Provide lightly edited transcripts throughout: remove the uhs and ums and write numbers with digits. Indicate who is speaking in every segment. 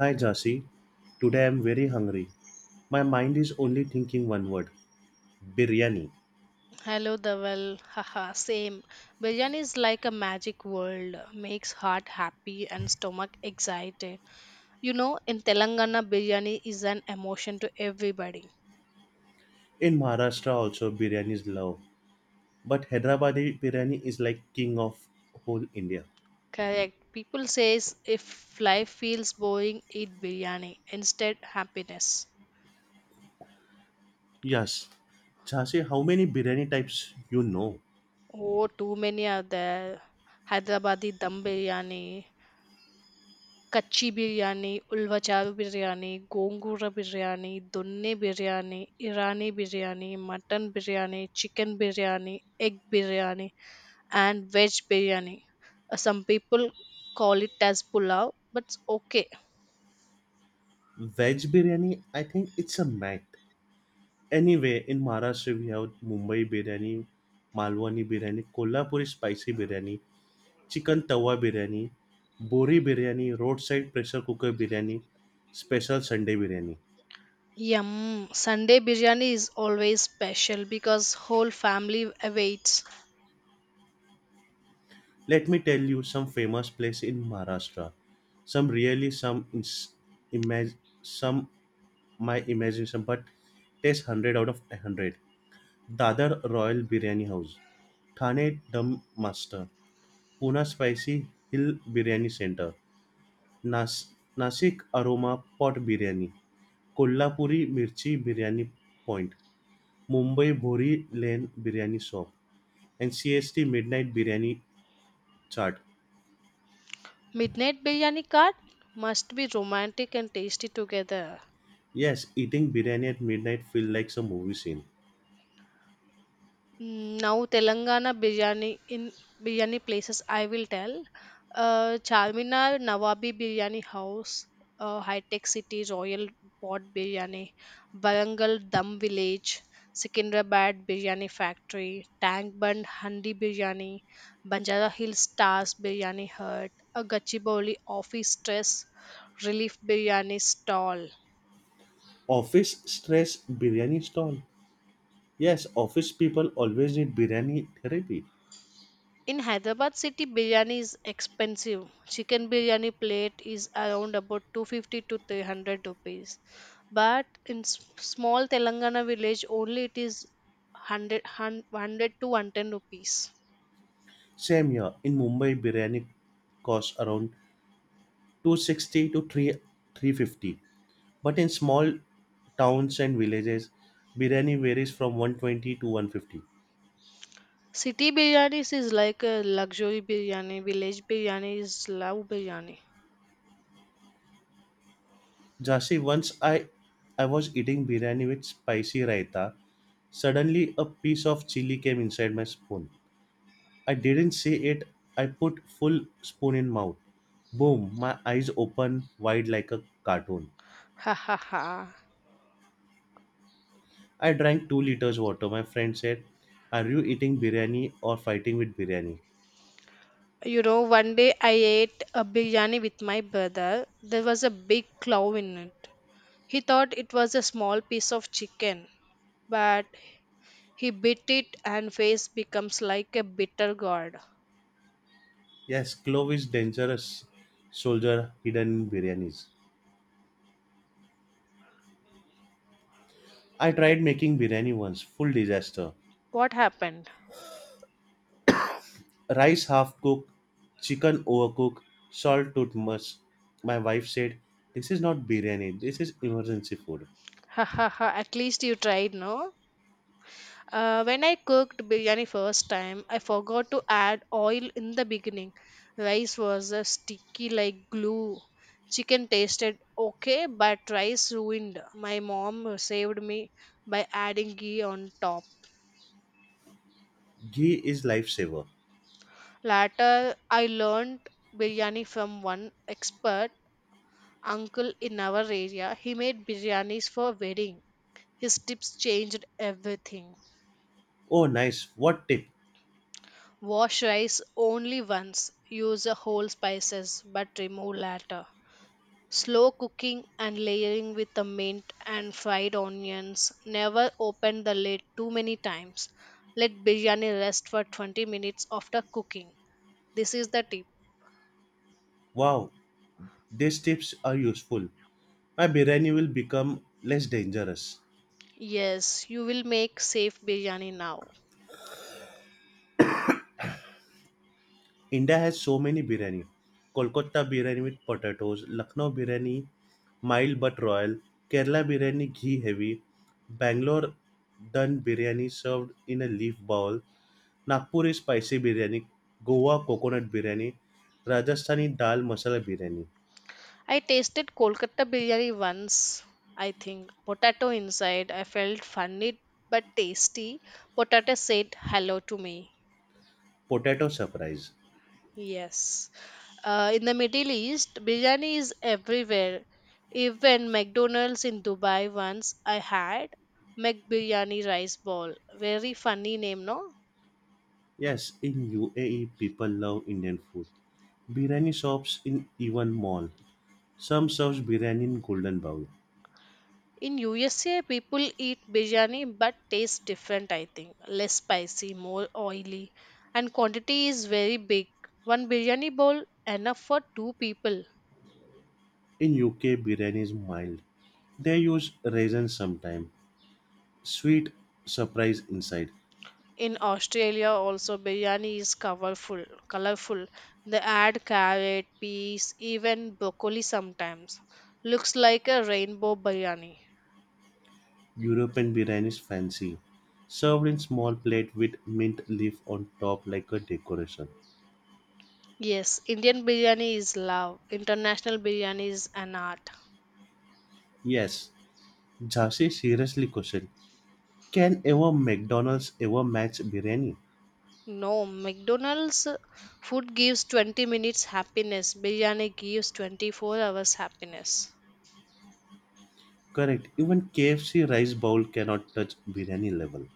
Speaker 1: Hi Jasi, today I'm very hungry. My mind is only thinking one word, biryani.
Speaker 2: Hello, Dhaval. Haha, same. Biryani is like a magic world, makes heart happy and stomach excited. In Telangana, biryani is an emotion to everybody.
Speaker 1: In Maharashtra also biryani is love, but Hyderabadi biryani is like king of whole India.
Speaker 2: Correct. People says if life feels boring, eat biryani. Instead, happiness.
Speaker 1: Yes, Jasi, how many biryani types you know?
Speaker 2: Oh, too many are there. Hyderabadi dum biryani, kacchi biryani ulavacharu biryani gongura biryani donne biryani Irani biryani mutton biryani chicken biryani, egg biryani, and veg biryani. Some people call it as pulao, but it's okay.
Speaker 1: Veg biryani, I think it's a myth. Anyway, in Maharashtra we have Mumbai biryani, Malwani biryani, Kolhapuri spicy biryani, chicken tawa biryani Bohri biryani, roadside pressure cooker biryani, special Sunday biryani.
Speaker 2: Yum. Sunday biryani is always special because whole family awaits.
Speaker 1: Let me tell you some famous place in Maharashtra. Some really some ins- imag- some my imagination, but taste 100 out of 100: Dadar Royal Biryani House Thane, Dum Master, Pune Spicy Hill Biryani Center, Nas- Nasik Aroma Pot Biryani, Kolhapuri mirchi biryani point, Mumbai Bhori Lane Biryani Shop, and CST Midnight Biryani Chart.
Speaker 2: Midnight biryani card must be romantic and tasty together.
Speaker 1: Yes, eating biryani at midnight feels like a movie scene.
Speaker 2: Mm, now Telangana biryani in biryani places I will tell. Charminar Nawabi Biryani House, High Tech City Royal Pot Biryani, Barangal Dum Village, Secunderabad Biryani Factory, Tank Bund Handi Biryani, Banjara Hills Stars Biryani Hut, a Gachibowli Office Stress Relief Biryani Stall.
Speaker 1: Office stress biryani stall. Yes, office people always need biryani therapy.
Speaker 2: In Hyderabad city, biryani is expensive. Chicken biryani plate is around about 250 to 300 rupees. But in small Telangana village, only it is 100, 100 to 110 rupees.
Speaker 1: Same here in Mumbai, biryani costs around 260 to 3 350. But in small towns and villages, biryani varies from 120 to 150.
Speaker 2: City biryanis is like a luxury biryani. Village biryani is love biryani.
Speaker 1: Jasi, once I was eating biryani with spicy raita. Suddenly, a piece of chili came inside my spoon. I didn't see it. I put full spoon in mouth. Boom! My eyes open wide like a cartoon.
Speaker 2: Ha ha ha.
Speaker 1: I drank 2 liters water. My friend said, "Are you eating biryani or fighting with biryani?"
Speaker 2: One day I ate a biryani with my brother. There was a big claw in it. He thought it was a small piece of chicken, but he bit it and face becomes like a bitter gourd.
Speaker 1: Yes, clove is dangerous. Soldier hidden in biryanis. I tried making biryani once. Full disaster.
Speaker 2: What happened?
Speaker 1: Rice half cooked, chicken overcooked, salt too much. My wife said, "This is not biryani, this is emergency food."
Speaker 2: Ha ha ha, at least you tried, no? When I cooked biryani first time, I forgot to add oil in the beginning. Rice was sticky like glue. Chicken tasted okay, but rice ruined. My mom saved me by adding ghee on top.
Speaker 1: Ghee is lifesaver.
Speaker 2: Later, I learned biryani from one expert uncle in our area. He made biryanis for wedding. His tips changed everything.
Speaker 1: Oh, nice. What tip?
Speaker 2: Wash rice only once. Use whole spices but remove later. Slow cooking and layering with the mint and fried onions. Never open the lid too many times. Let biryani rest for 20 minutes after cooking. This is the tip.
Speaker 1: Wow, these tips are useful. My biryani will become less dangerous.
Speaker 2: Yes, you will make safe biryani now.
Speaker 1: India has so many biryani. Kolkata biryani with potatoes, Lucknow biryani mild but royal, Kerala biryani ghee heavy, Bangalore done biryani served in a leaf bowl, Nagpuri spicy biryani, Goa coconut biryani, Rajasthani dal masala biryani,
Speaker 2: I tasted Kolkata biryani once, I think. Potato inside. I felt funny but tasty. Potato said hello to me.
Speaker 1: potato surprise.
Speaker 2: Yes. In the Middle East, biryani is everywhere. Even McDonald's in Dubai once I had McBiryani rice ball. Very funny name, no?
Speaker 1: Yes, in UAE, people love Indian food. Biryani shops in even mall. Some serves biryani in golden bowl.
Speaker 2: In USA, people eat biryani but tastes different, I think. Less spicy, more oily, and quantity is very big. One biryani bowl enough for two people.
Speaker 1: In UK, biryani is mild. They use raisins sometime. Sweet surprise inside.
Speaker 2: In Australia, also biryani is colorful. Colorful. They add carrot, peas, even broccoli sometimes. Looks like a rainbow biryani.
Speaker 1: European biryani is fancy. Served in small plate with mint leaf on top like a decoration.
Speaker 2: Yes, Indian biryani is love. International biryani is an art.
Speaker 1: Yes, Jhansi, seriously question: can ever McDonald's ever match biryani?
Speaker 2: No, McDonald's food gives 20 minutes happiness. Biryani gives 24 hours happiness.
Speaker 1: Correct. Even KFC rice bowl cannot touch biryani level.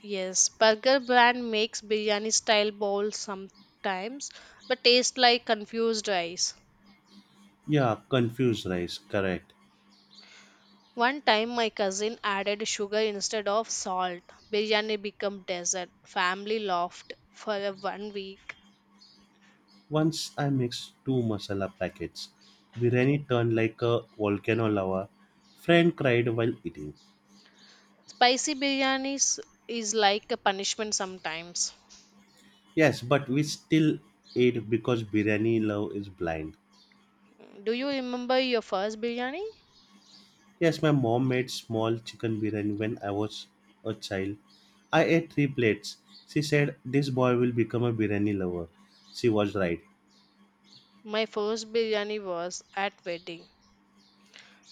Speaker 2: Yes, burger brand makes biryani style bowls sometimes, but taste like confused rice.
Speaker 1: Yeah, confused rice. Correct.
Speaker 2: One time my cousin added sugar instead of salt. Biryani became desert. Family laughed for a one week.
Speaker 1: Once I mixed two masala packets, biryani turned like a volcano lava. Friend cried while eating.
Speaker 2: Spicy biryani is like a punishment sometimes.
Speaker 1: Yes, but we still ate because biryani love is blind.
Speaker 2: Do you remember your first biryani?
Speaker 1: Yes, my mom made small chicken biryani when I was a child. I ate 3 plates. She said, "This boy will become a biryani lover." She was right.
Speaker 2: My first biryani was at wedding.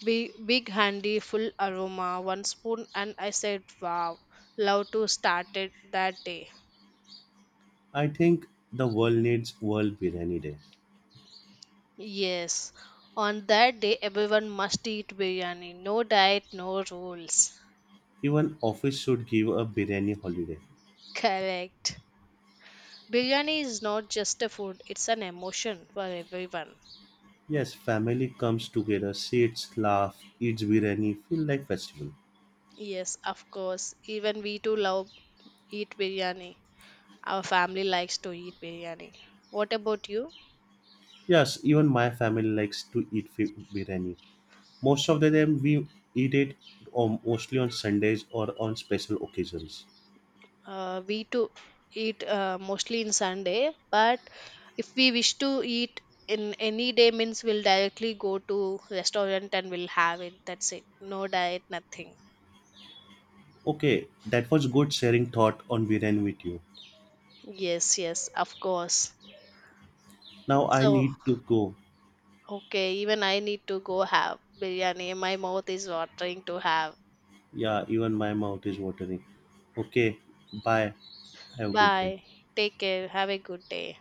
Speaker 2: Big, big handy, full aroma, one spoon, and I said, wow, love to start it that day.
Speaker 1: I think the world needs World Biryani Day.
Speaker 2: Yes, on that day, everyone must eat biryani. No diet, no rules.
Speaker 1: Even office should give a biryani holiday.
Speaker 2: Correct. Biryani is not just a food, it's an emotion for everyone.
Speaker 1: Yes, family comes together, sits, laugh, eats biryani, feel like festival.
Speaker 2: Yes, of course. Even we too love eat biryani. Our family likes to eat biryani. What about you?
Speaker 1: Yes, even my family likes to biryani. Most of the time we eat it, mostly on Sundays or on special occasions.
Speaker 2: We to eat mostly in Sunday, but if we wish to eat in any day means we'll directly go to restaurant and we'll have it. That's it. No diet, nothing.
Speaker 1: Okay, that was good sharing thought on biryani with you.
Speaker 2: Yes, yes, of course.
Speaker 1: Now I
Speaker 2: So
Speaker 1: need to go.
Speaker 2: okay, even I need to go have biryani. My mouth is watering to have.
Speaker 1: Yeah, even my mouth is watering. Okay, bye. Have a good day.
Speaker 2: Bye. Take care. Have a good day.